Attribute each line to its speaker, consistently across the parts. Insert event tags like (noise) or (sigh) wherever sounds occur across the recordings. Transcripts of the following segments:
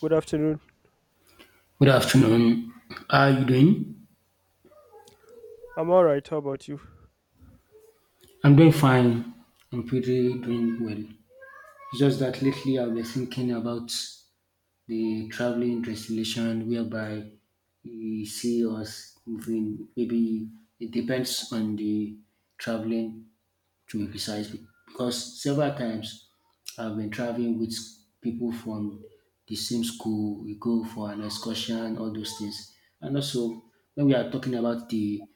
Speaker 1: Good afternoon.
Speaker 2: Good afternoon. How are you doing?
Speaker 1: I'm all right. How about you?
Speaker 2: I'm doing fine. I'm pretty doing well. It's just that lately I've been thinking about the traveling destination whereby we see us moving. Maybe it depends on the traveling to besides because several times I've been traveling with people from the same school. We go for an excursion, all those things. And also, when we are talking about the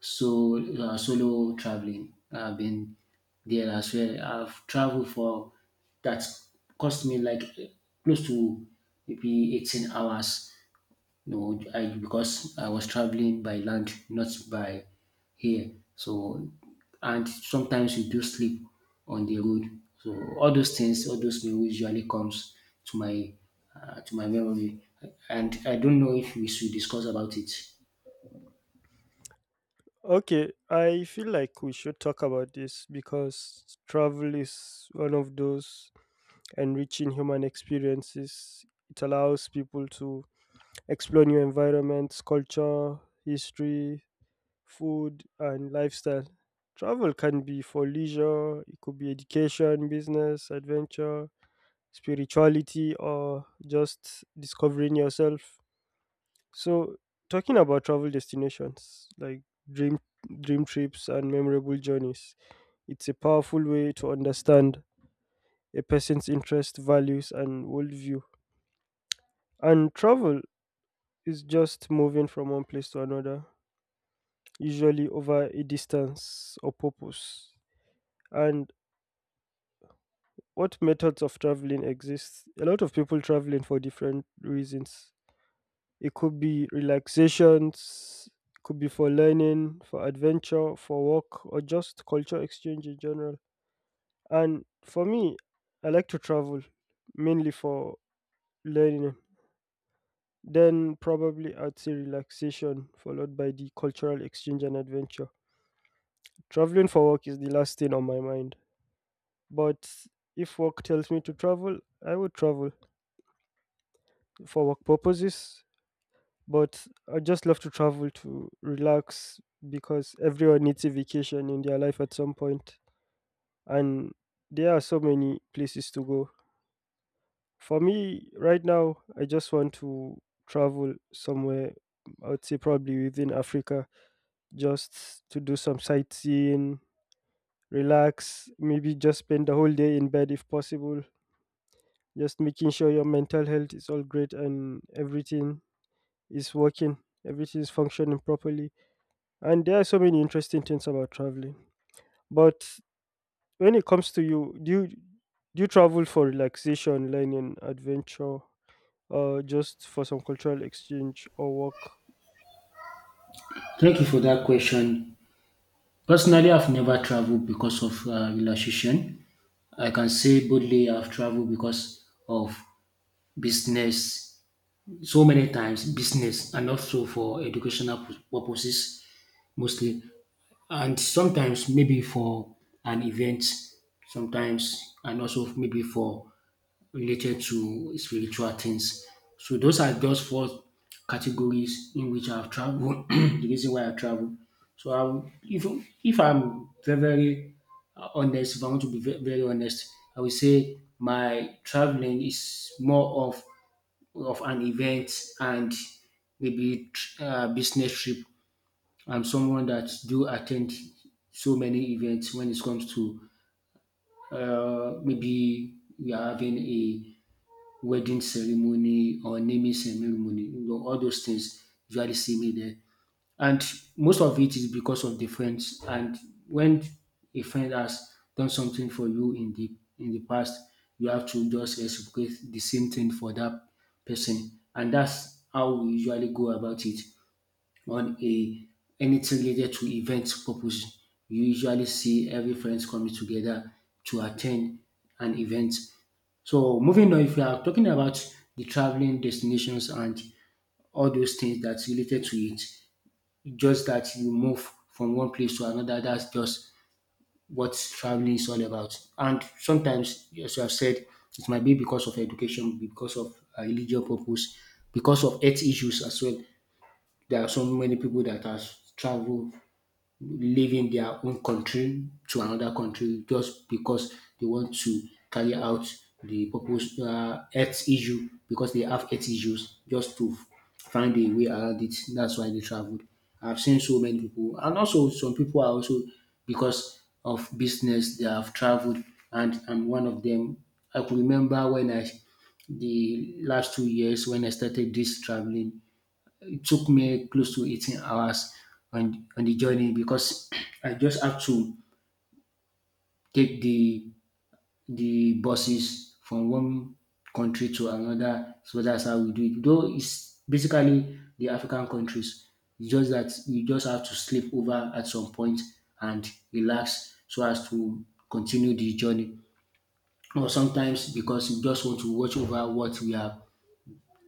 Speaker 2: solo traveling, I've been there as well. I've traveled for that cost me like close to maybe 18 hours no, I because I was traveling by land, not by here. So, and sometimes we do sleep on the road. So all those things, all those memories usually comes to my to my memory. And I don't know if we should discuss about it.
Speaker 1: Okay, I feel like we should talk about this because travel is one of those enriching human experiences. It allows people to explore new environments, culture, history, food, and lifestyle. Travel can be for leisure, it could be education, business, adventure, spirituality, or just discovering yourself. So, talking about travel destinations like dream dream trips and memorable journeys, it's a powerful way to understand a person's interests, values, and worldview. And travel is just moving from one place to another, usually over a distance or purpose. And what methods of traveling exist? A lot of people traveling for different reasons. It could be relaxations, could be for learning, for adventure, for work, or just culture exchange in general. And for me, I like to travel mainly for learning. Then probably I'd say relaxation followed by the cultural exchange and adventure. Traveling for work is the last thing on my mind. But if work tells me to travel, I would travel for work purposes. But I just love to travel to relax because everyone needs a vacation in their life at some point, and there are so many places to go. For me, right now, I just want to travel somewhere, I would say probably within Africa, just to do some sightseeing, relax, maybe just spend the whole day in bed if possible, just making sure your mental health is all great and everything is working, everything is functioning properly. And there are so many interesting things about traveling. But when it comes to you, do you travel for relaxation, learning, adventure, or just for some cultural exchange or work?
Speaker 2: Thank you for that question. Personally, I've never traveled because of relaxation. I can say boldly I've traveled because of business, so many times business, and also for educational purposes mostly. And sometimes maybe for an event, sometimes and also maybe for related to spiritual things. So those are just four categories in which I've traveled. (clears throat) The reason why I travel. So I, if I'm very honest, if I want to be very honest, I would say my traveling is more of an event and maybe business trip. I'm someone that do attend so many events when it comes to maybe we are having a wedding ceremony or naming ceremony, all those things usually see me there. And most of it is because of the friends. And when a friend has done something for you in the past, you have to just reciprocate the same thing for that person. And that's how we usually go about it on a anything related to event purpose. You usually see every friends coming together to attend an event. So moving on, if you are talking about the traveling destinations and all those things that's related to it, just that you move from one place to another, that's just what traveling is all about. And sometimes, as you have said, it might be because of education, because of religious purpose, because of health issues as well. There are so many people that have traveled leaving their own country to another country just because they want to carry out the purpose health issue because they have health issues just to find a way around it. That's why they traveled. I've seen so many people, and also some people are also because of business they have traveled, and I'm one of them. I could remember when I the last 2 years when I started this traveling, took me close to 18 hours on the journey because (clears throat) I just have to take the buses from one country to another. So that's how we do it. Though it's basically the African countries. It's just that you just have to sleep over at some point and relax so as to continue the journey. Or sometimes because you just want to watch over what we have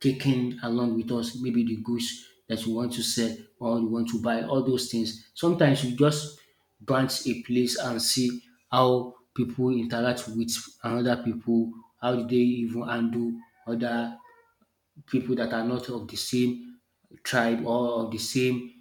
Speaker 2: taking along with us, maybe the goods that we want to sell or we want to buy, all those things. Sometimes we just branch a place and see how people interact with another people, how do they even handle other people that are not of the same tribe or of the same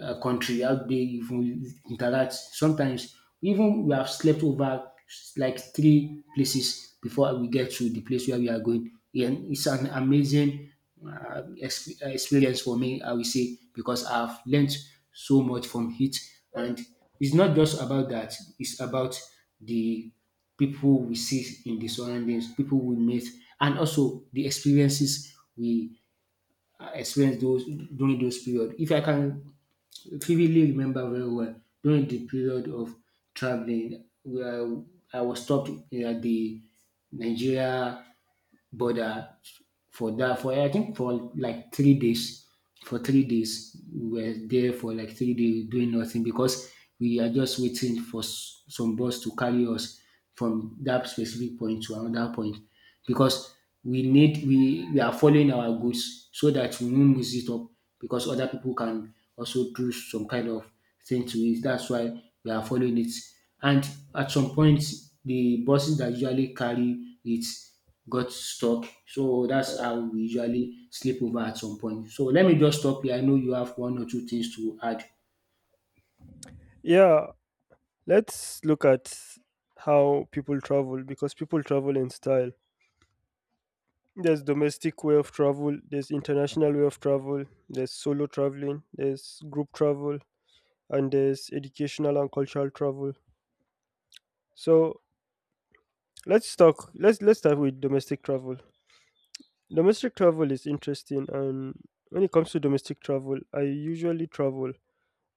Speaker 2: country, how they even interact. Sometimes even we have slept over like three places before we get to the place where we are going. And it's an amazing experience for me, I will say, because I've learned so much from it. And it's not just about that, it's about the people we see in the surroundings, people we meet, and also the experiences we experience those during those period. If I can vividly remember very well during the period of traveling where I was stopped at the Nigeria border for that for I think for like 3 days. For 3 days, we were there for like 3 days doing nothing because we are just waiting for some bus to carry us from that specific point to another point because we need we are following our goods so that we won't mix it up because other people can also do some kind of thing to it. That's why we are following it. And at some point, the buses that usually carry it got stuck. So that's how we usually sleep over at some point. So let me just stop here. I know you have one or two things to add.
Speaker 1: Yeah, let's look at how people travel because people travel in style. There's domestic way of travel, there's international way of travel, there's solo traveling, there's group travel, and there's educational and cultural travel. So let's talk. Let's start with domestic travel. Domestic travel is interesting, and when it comes to domestic travel, I usually travel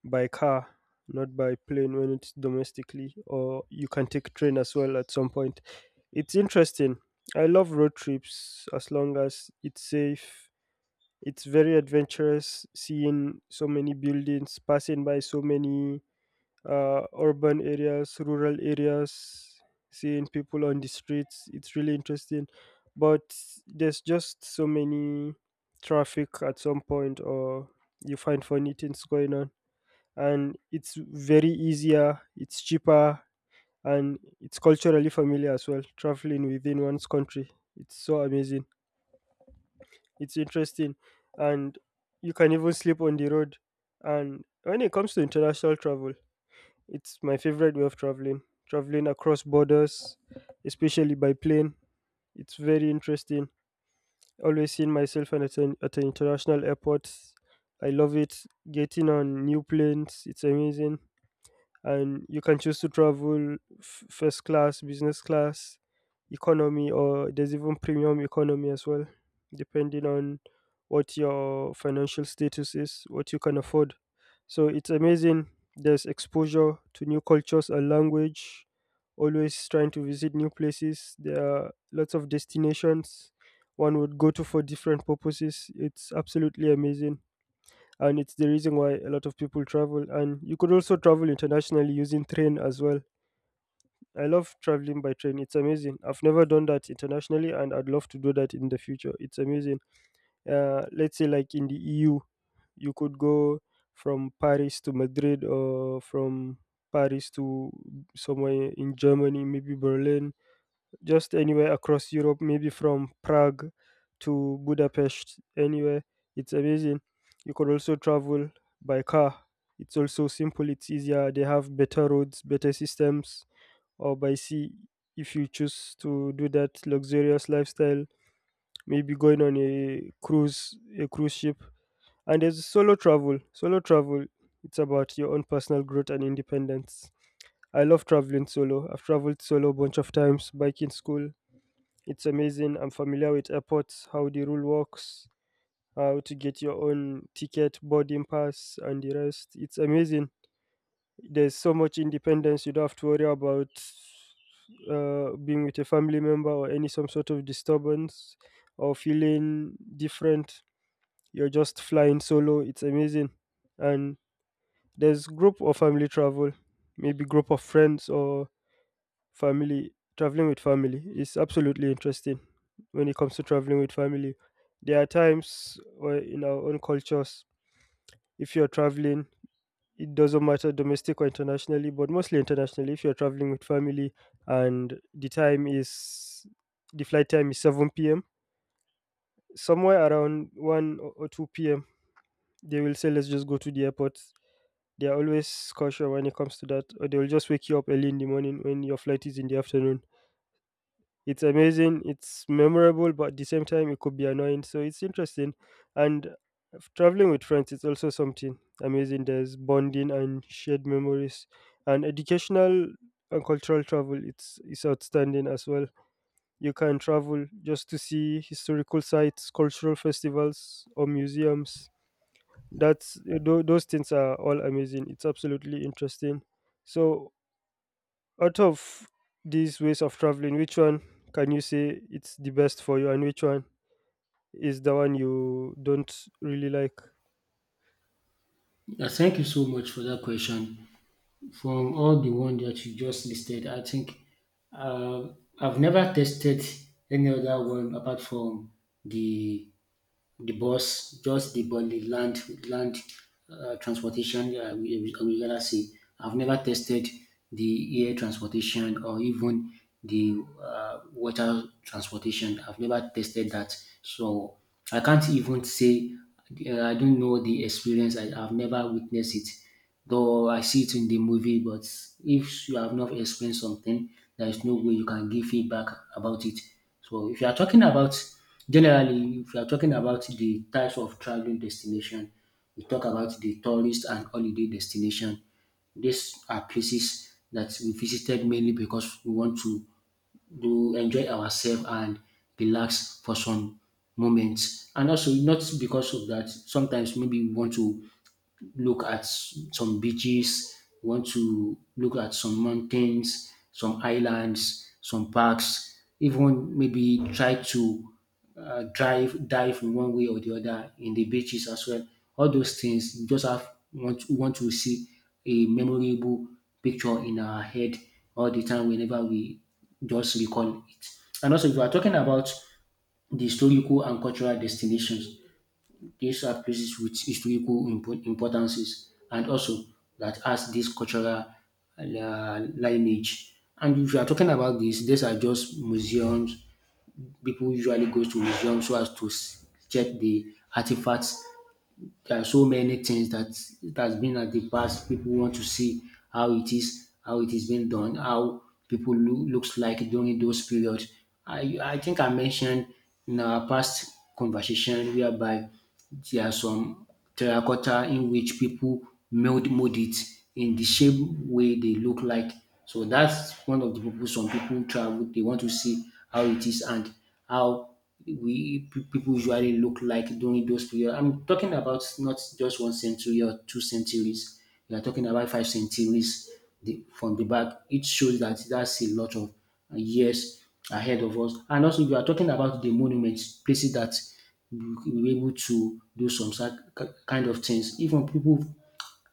Speaker 1: by car, not by plane when it's domestically, or you can take train as well at some point. It's interesting. I love road trips as long as it's safe. It's very adventurous, seeing so many buildings passing by, so many urban areas, rural areas, seeing people on the streets. It's really interesting, but there's just so many traffic at some point, or you find funny things going on, and it's very easier, it's cheaper, and it's culturally familiar as well, traveling within one's country. It's so amazing, it's interesting. And you can even sleep on the road. And when it comes to international travel, it's my favorite way of traveling. Traveling across borders, especially by plane, it's very interesting. Always seeing myself at an international airport. I love it. Getting on new planes, it's amazing, and you can choose to travel first class, business class, economy, or there's even premium economy as well, depending on what your financial status is, what you can afford. So it's amazing. There's exposure to new cultures and language, always trying to visit new places. There are lots of destinations one would go to for different purposes. It's absolutely amazing, and it's the reason why a lot of people travel, and you could also travel internationally using train as well. I love traveling by train, it's amazing. I've never done that internationally, and I'd love to do that in the future. It's amazing. Let's say like in the EU, you could go from Paris to Madrid, or from Paris to somewhere in Germany, maybe Berlin, just anywhere across Europe, maybe from Prague to Budapest, anywhere. It's amazing. You could also travel by car. It's also simple, it's easier. They have better roads, better systems, or by sea if you choose to do that luxurious lifestyle, maybe going on a cruise ship. And there's solo travel. Solo travel, it's about your own personal growth and independence. I love traveling solo. I've traveled solo a bunch of times back in school. It's amazing. I'm familiar with airports, how the rule works, how to get your own ticket, boarding pass, and the rest. It's amazing. There's so much independence. You don't have to worry about being with a family member or any some sort of disturbance or feeling different. You're just flying solo. It's amazing. And there's group or family travel, maybe group of friends or family traveling with family. It's absolutely interesting when it comes to traveling with family. There are times where in our own cultures, if you're traveling, it doesn't matter domestic or internationally, but mostly internationally, if you're traveling with family and the flight time is 7 p.m., somewhere around 1 or 2 p.m., they will say, "Let's just go to the airport." They are always cautious when it comes to that, or they will just wake you up early in the morning when your flight is in the afternoon. It's amazing, it's memorable, but at the same time, it could be annoying. So it's interesting. And traveling with friends is also something amazing. There's bonding and shared memories, and educational and cultural travel. It's outstanding as well. You can travel just to see historical sites, cultural festivals, or museums. Those things are all amazing. It's absolutely interesting. So out of these ways of traveling, which one can you say it's the best for you, and which one is the one you don't really like?
Speaker 2: Yeah, thank you so much for that question. From all the one that you just listed, I think uh, I've never tested any other one apart from the the bus, just the but the land transportation. We gotta say I've never tested the air transportation or even the water transportation. I've never tested that, so I can't even say I don't know the experience. I've never witnessed it. Though I see it in the movie, but if you have not explained something, there is no way you can give feedback about it. So if you are talking about generally, if you are talking about the types of traveling destination, we talk about the tourist and holiday destination. These are places that we visited mainly because we want to do enjoy ourselves and relax for some moments. And also not because of that, sometimes maybe we want to look at some beaches, you want to look at some mountains, some islands, some parks, even maybe try to dive in one way or the other in the beaches as well. All those things you just have want we want to see a memorable picture in our head all the time whenever we just recall it. And also, if we are talking about the historical and cultural destinations, these are places with historical importances and also that has this cultural lineage. And if you are talking about this, these are just museums. People usually go to museums so as to check the artifacts. There are so many things that it has been at the past. People want to see how it is being done, how people looks like during those periods. I think I mentioned in our past conversation whereby there are some terracotta in which people meld mold it in the shape way they look like. So that's one of the purpose some people travel. They want to see how it is and how people usually look like during those periods. I'm talking about not just one century or 2 centuries. We are talking about 5 centuries from the back. It shows that that's a lot of years ahead of us. And also, you are talking about the monuments, places that we were able to do some sort kind of things. Even people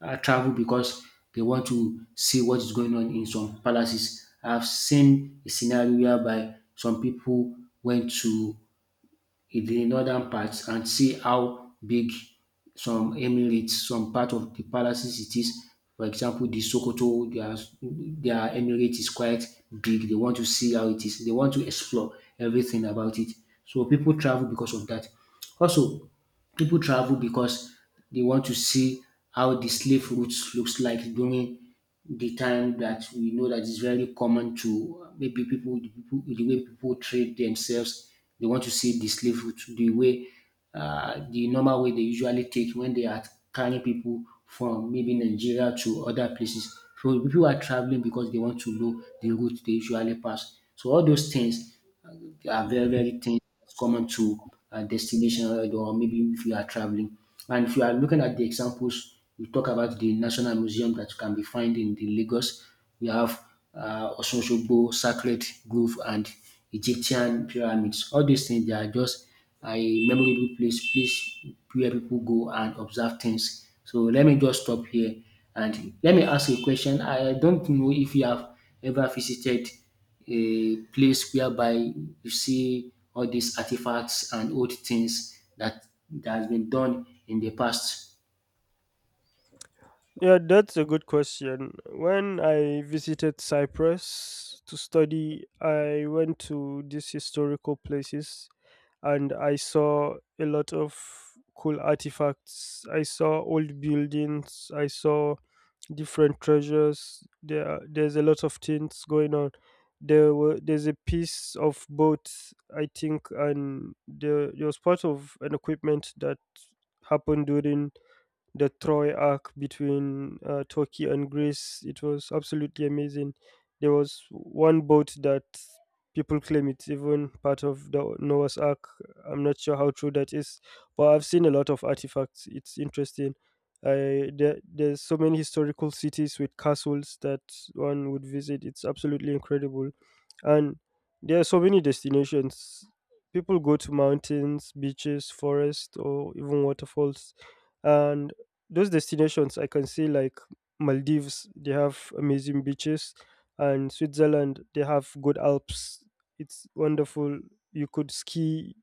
Speaker 2: travel because they want to see what is going on in some palaces. I've seen a scenario whereby some people went to in the northern parts and see how big some emirates, some part of the palaces it is. For example, the Sokoto, their emirate is quite big. They want to see how it is. They want to explore everything about it. So people travel because of that. Also, people travel because they want to see how the slave routes looks like during the time that we know that is very common to maybe people, the way people treat themselves. They want to see the slave route, the way, the normal way they usually take when they are carrying people from maybe Nigeria to other places. So people are traveling because they want to know the route they usually pass. So all those things are very, very things that's common to destination or maybe if you are traveling. And if you are looking at the examples, we talk about the National Museum that can be found in the Lagos. We have Ososhogbo, Sacred Grove, and Egyptian pyramids. All these things, they are just a memorable place, place where people go and observe things. So let me just stop here and let me ask you a question. I don't know if you have ever visited a place whereby you see all these artifacts and old things that has been done in the past.
Speaker 1: Yeah, that's a good question. When I visited Cyprus to study, I went to these historical places and I saw a lot of cool artifacts. I saw old buildings. I saw different treasures. There's a lot of things going on. There's a piece of boat, I think, and there was part of an equipment that happened during the Troy arc between Turkey and Greece. It was absolutely amazing. There was one boat that people claim it's even part of the Noah's Ark. I'm not sure how true that is, but I've seen a lot of artifacts. It's interesting. There's so many historical cities with castles that one would visit. It's absolutely incredible, and there are so many destinations. People go to mountains, beaches, forests, or even waterfalls, and those destinations I can see, like Maldives, they have amazing beaches, and Switzerland, they have good Alps. It's wonderful. You could ski,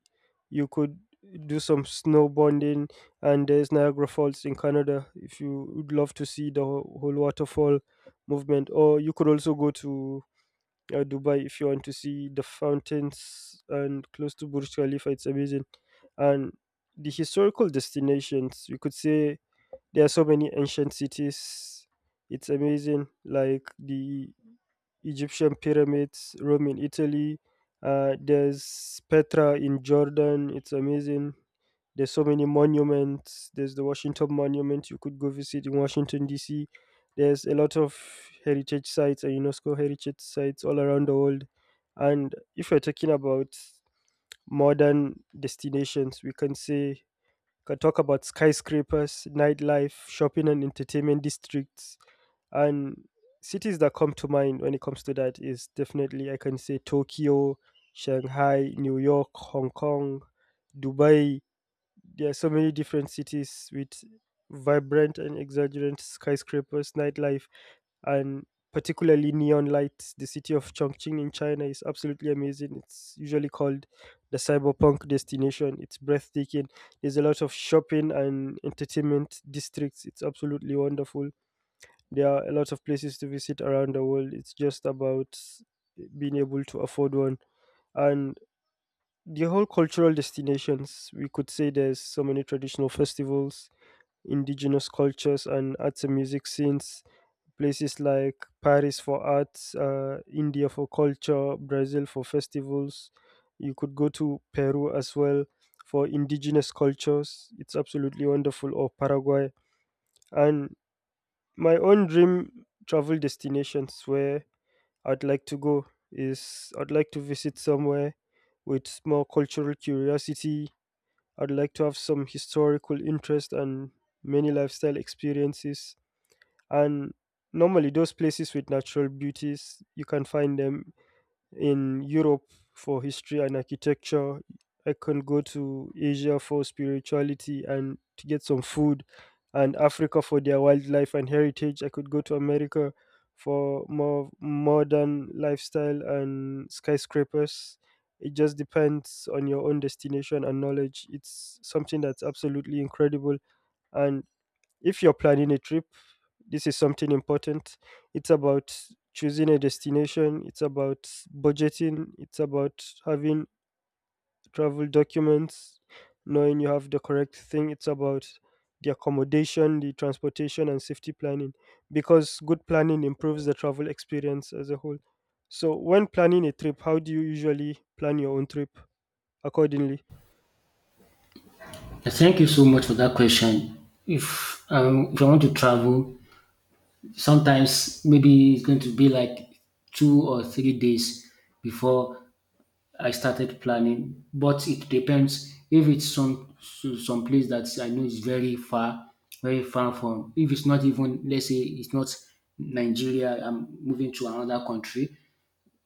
Speaker 1: you could do some snowboarding, and there's Niagara Falls in Canada if you would love to see the whole waterfall movement. Or you could also go to Dubai if you want to see the fountains and close to Burj Khalifa. It's amazing, and the historical destinations, we could say there are so many ancient cities. It's amazing, like the Egyptian pyramids, Rome in Italy. There's Petra in Jordan. It's amazing. There's so many monuments. There's the Washington Monument you could go visit in Washington D.C. There's a lot of heritage sites and UNESCO heritage sites all around the world. And if we are talking about modern destinations, we can say can talk about skyscrapers, nightlife, shopping and entertainment districts, and cities that come to mind when it comes to that is definitely, I can say, Tokyo, Shanghai, New York, Hong Kong, Dubai. There are so many different cities with vibrant and exuberant skyscrapers, nightlife, and particularly neon lights. The city of Chongqing in China is absolutely amazing. It's usually called the cyberpunk destination. It's breathtaking. There's a lot of shopping and entertainment districts. It's absolutely wonderful. There are a lot of places to visit around the world. It's just about being able to afford one. And the whole cultural destinations, we could say there's so many traditional festivals, indigenous cultures, and arts and music scenes. Places like Paris for arts, India for culture, Brazil for festivals, you could go to Peru as well for indigenous cultures. It's absolutely wonderful, or Paraguay. And my own dream travel destinations where I'd like to go is I'd like to visit somewhere with more cultural curiosity. I'd like to have some historical interest and many lifestyle experiences. And normally, those places with natural beauties, you can find them in Europe for history and architecture. I can go to Asia for spirituality and to get some food, and Africa for their wildlife and heritage. I could go to America for more modern lifestyle and skyscrapers. It just depends on your own destination and knowledge. It's something that's absolutely incredible, and if you're planning a trip, this is something important. It's about choosing a destination, it's about budgeting, it's about having travel documents, knowing you have the correct thing, it's about the accommodation, the transportation, and safety planning, because good planning improves the travel experience as a whole. So, when planning a trip, how do you usually plan your own trip accordingly?
Speaker 2: Thank you so much for that question. If I want to travel, sometimes maybe it's going to be like 2 or 3 days before I started planning, but it depends if it's some some place that I know is very far, very far from. If it's not even, let's say, it's not Nigeria, I'm moving to another country.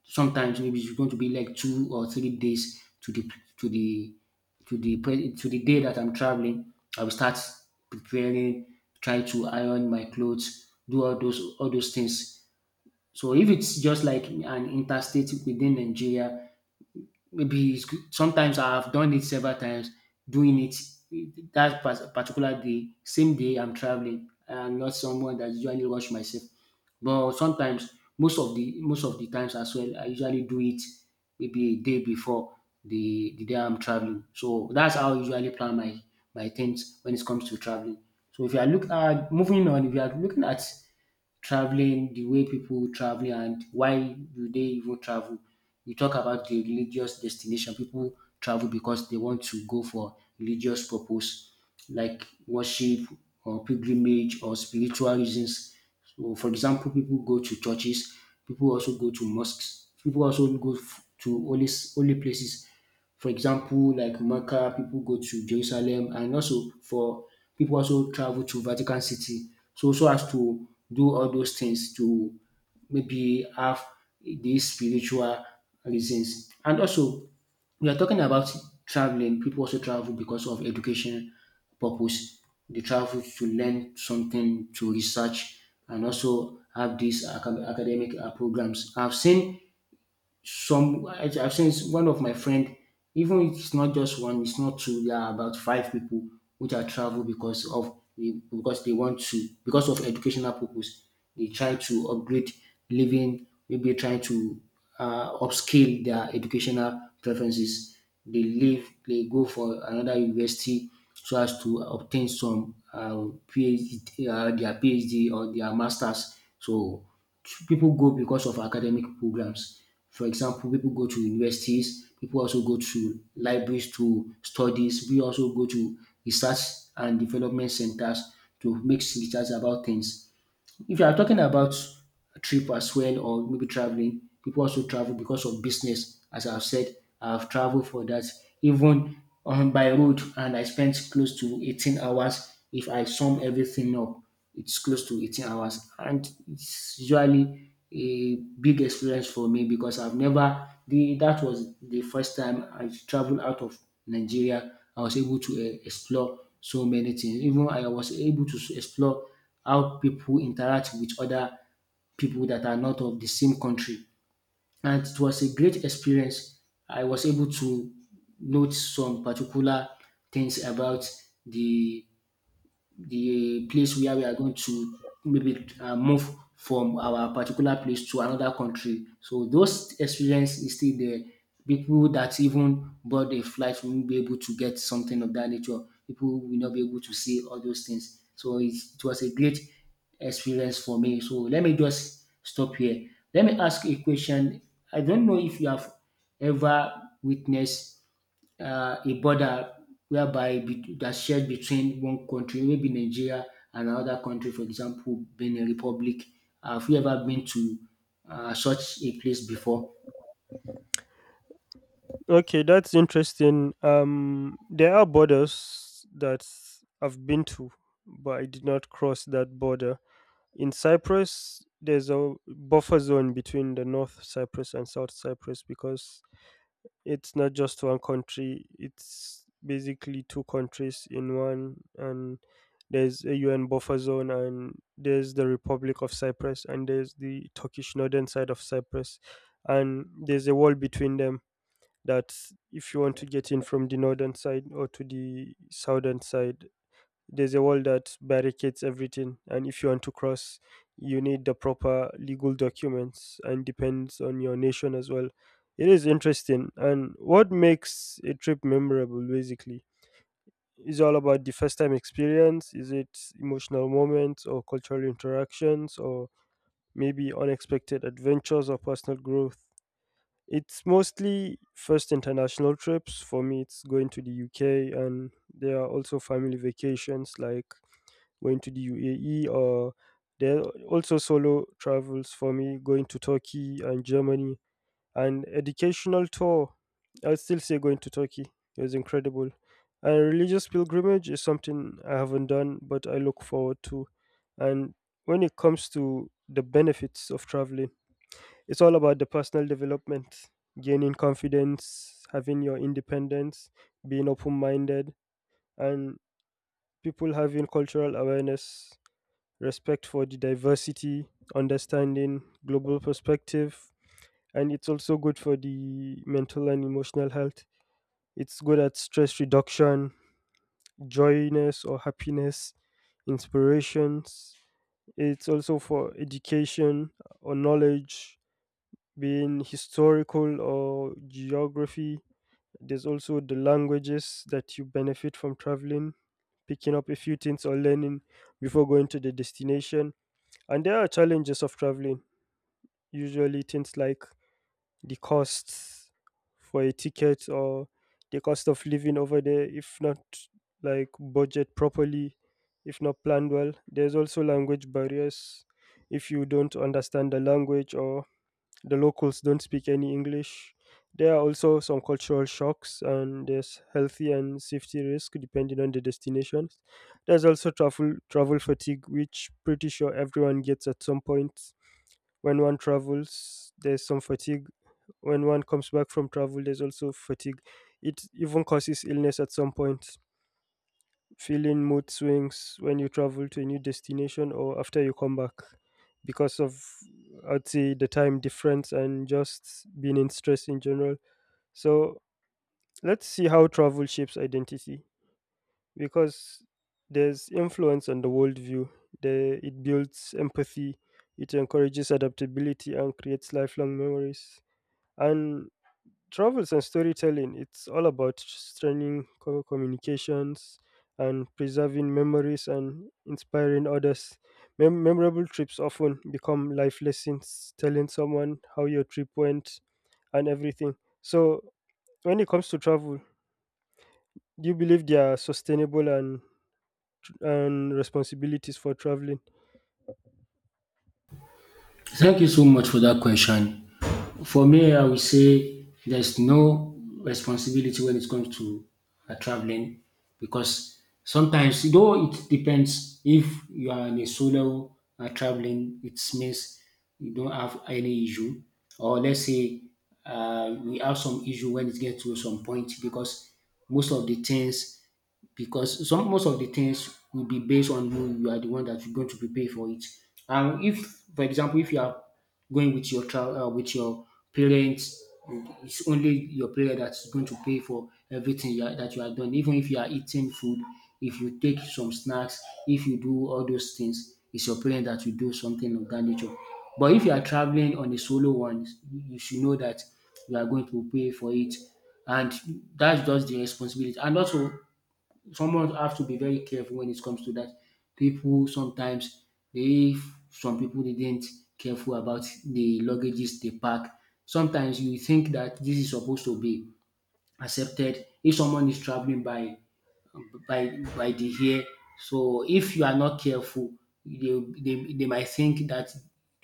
Speaker 2: Sometimes maybe it's going to be like 2 or 3 days to the to the to the day that I'm traveling. I will start preparing, try to iron my clothes, do all those things. So if it's just like an interstate within Nigeria, maybe it's, good- sometimes I've done it several times, doing it that pas- particular day, same day I'm traveling. I'm not someone that usually rush myself, but sometimes most of the times as well, I usually do it maybe a day before the day I'm traveling. So that's how I usually plan my things when it comes to traveling. So if you are look at moving on, if you are looking at traveling, the way people traveling, and why do they even travel. We talk about the religious destination. People travel because they want to go for religious purpose, like worship or pilgrimage or spiritual reasons. So, for example, people go to churches. People also go to mosques. People also go to holy holy places, for example, like Mecca, people go to Jerusalem, and also for people also travel to Vatican City. So, as to do all those things to maybe have these spiritual reasons. And also, we are talking about traveling. People also travel because of education purpose. They travel to learn something, to research, and also have these academic programs. I've seen I've seen one of my friend, even if it's not just one, it's not two, there are about five people which are travel because of because of educational purpose. They try to upgrade living, maybe trying to upscale their educational preferences. They leave, they go for another university so as to obtain some PhD, their PhD or their masters. So people go because of academic programs. For example, people go to universities, people also go to libraries to studies, we also go to research and development centers to make research about things. If you are talking about a trip as well, or maybe traveling, people also travel because of business. As I've said, I've traveled for that, even on by road, and I spent close to 18 hours. If I sum everything up, it's close to 18 hours, and it's usually a big experience for me because I've never the that was the first time I traveled out of Nigeria. I was able to explore so many things. Even I was able to explore how people interact with other people that are not of the same country. And it was a great experience. I was able to note some particular things about the the place where we are going to maybe move from our particular place to another country. So those experience is still there. People that even board a flight won't be able to get something of that nature. People will not be able to see all those things. So it was a great experience for me. So let me just stop here. Let me ask a question. I don't know if you have ever witnessed a border whereby that's shared between one country, maybe Nigeria and another country, for example, Benin Republic. Have you ever been to such a place before?
Speaker 1: Okay, that's interesting. There are borders that I've been to, but I did not cross that border. In Cyprus, there's a buffer zone between the North Cyprus and South Cyprus because it's not just one country, it's basically two countries in one. And there's a UN buffer zone, and there's the Republic of Cyprus, and there's the Turkish northern side of Cyprus, and there's a wall between them that if you want to get in from the northern side or to the southern side, there's a wall that barricades everything. And if you want to cross, you need the proper legal documents and depends on your nation as well. It is interesting. And what makes a trip memorable, basically? Is all about the first time experience? Is it emotional moments or cultural interactions or maybe unexpected adventures or personal growth? It's mostly first international trips. For me, it's going to the UK, and there are also family vacations like going to the UAE, or there are also solo travels for me, going to Turkey and Germany, and educational tour. I would still say going to Turkey. It was incredible. And religious pilgrimage is something I haven't done, but I look forward to. And when it comes to the benefits of traveling, it's all about the personal development, gaining confidence, having your independence, being open minded, and people having cultural awareness, respect for the diversity, understanding global perspective. And it's also good for the mental and emotional health. It's good at stress reduction, joyness or happiness, inspirations. It's also for education or knowledge being historical or geography. There's also the languages that you benefit from traveling, picking up a few things or learning before going to the destination. And there are challenges of traveling, usually things like the costs for a ticket or the cost of living over there, if not like budget properly, if not planned well. There's also language barriers if you don't understand the language or the locals don't speak any English. There are also some cultural shocks, and there's healthy and safety risk depending on the destinations. There's also travel fatigue, which pretty sure everyone gets at some point when one travels. There's some fatigue when one comes back from travel. There's also fatigue. It even causes illness at some point feeling mood swings when you travel to a new destination or after you come back because of I'd say the time difference and just being in stress in general. So let's see how travel shapes identity because there's influence on the worldview. It builds empathy, it encourages adaptability and creates lifelong memories. And travels and storytelling, it's all about strengthening communications and preserving memories and inspiring others. Memorable trips often become life lessons, telling someone how your trip went and everything. So, when it comes to travel, do you believe there are sustainable and responsibilities for traveling?
Speaker 2: Thank you so much for that question. For me, I will say there's no responsibility when it comes to traveling because sometimes, though it depends if you are in a solo traveling, it means you don't have any issue. Or let's say we have some issue when it gets to some point because most of the things most of the things will be based on you. You are the one that you're going to prepare for it. And if, for example, if you are going with your with your parents, it's only your parent that's going to pay for everything that you are done. Even if you are eating food, if you take some snacks, if you do all those things, it's your parent that will do something of that nature. But if you are traveling on a solo one, you should know that you are going to pay for it, and that's just the responsibility, and also someone have to be very careful when it comes to that. People sometimes they some people didn't careful about the luggages they pack. Sometimes you think that this is supposed to be accepted if someone is traveling by by the hair. So if you are not careful, they might think that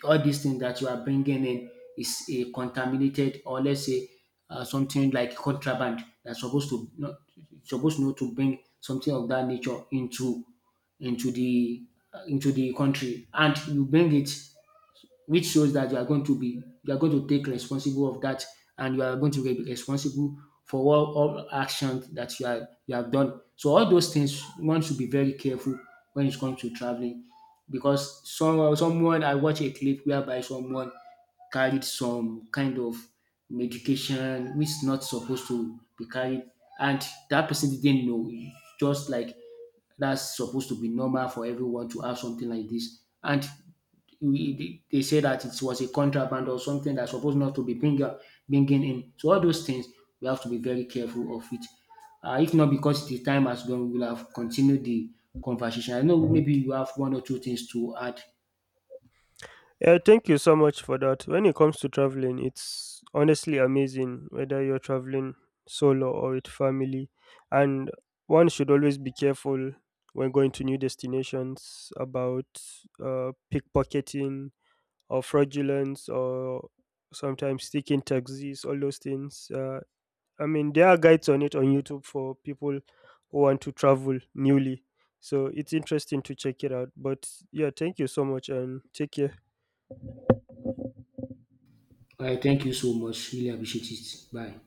Speaker 2: all these things that you are bringing in is a contaminated, or let's say something like contraband that's supposed not to bring something of that nature into the into the country and you bring it, which shows that you are going to take responsible of that, and you are going to be responsible for all actions that you have done. So all those things one should be very careful when it comes to traveling because someone I watched a clip whereby someone carried some kind of medication which is not supposed to be carried, and that person didn't know, just like that's supposed to be normal for everyone to have something like this, and we they say that it was a contraband or something that's supposed not to be bringing in. So all those things we have to be very careful of it. If not because the time has gone, we will have continued the conversation. I know maybe you have one or two things to add.
Speaker 1: Yeah, thank you so much for that. When it comes to traveling, it's honestly amazing whether you're traveling solo or with family. And one should always be careful when going to new destinations about pickpocketing or fraudulence or sometimes sticking taxis, all those things. I mean, there are guides on it on YouTube for people who want to travel newly. So it's interesting to check it out. But yeah, thank you so much and take care.
Speaker 2: All right, thank you so much. Really appreciate it. Bye.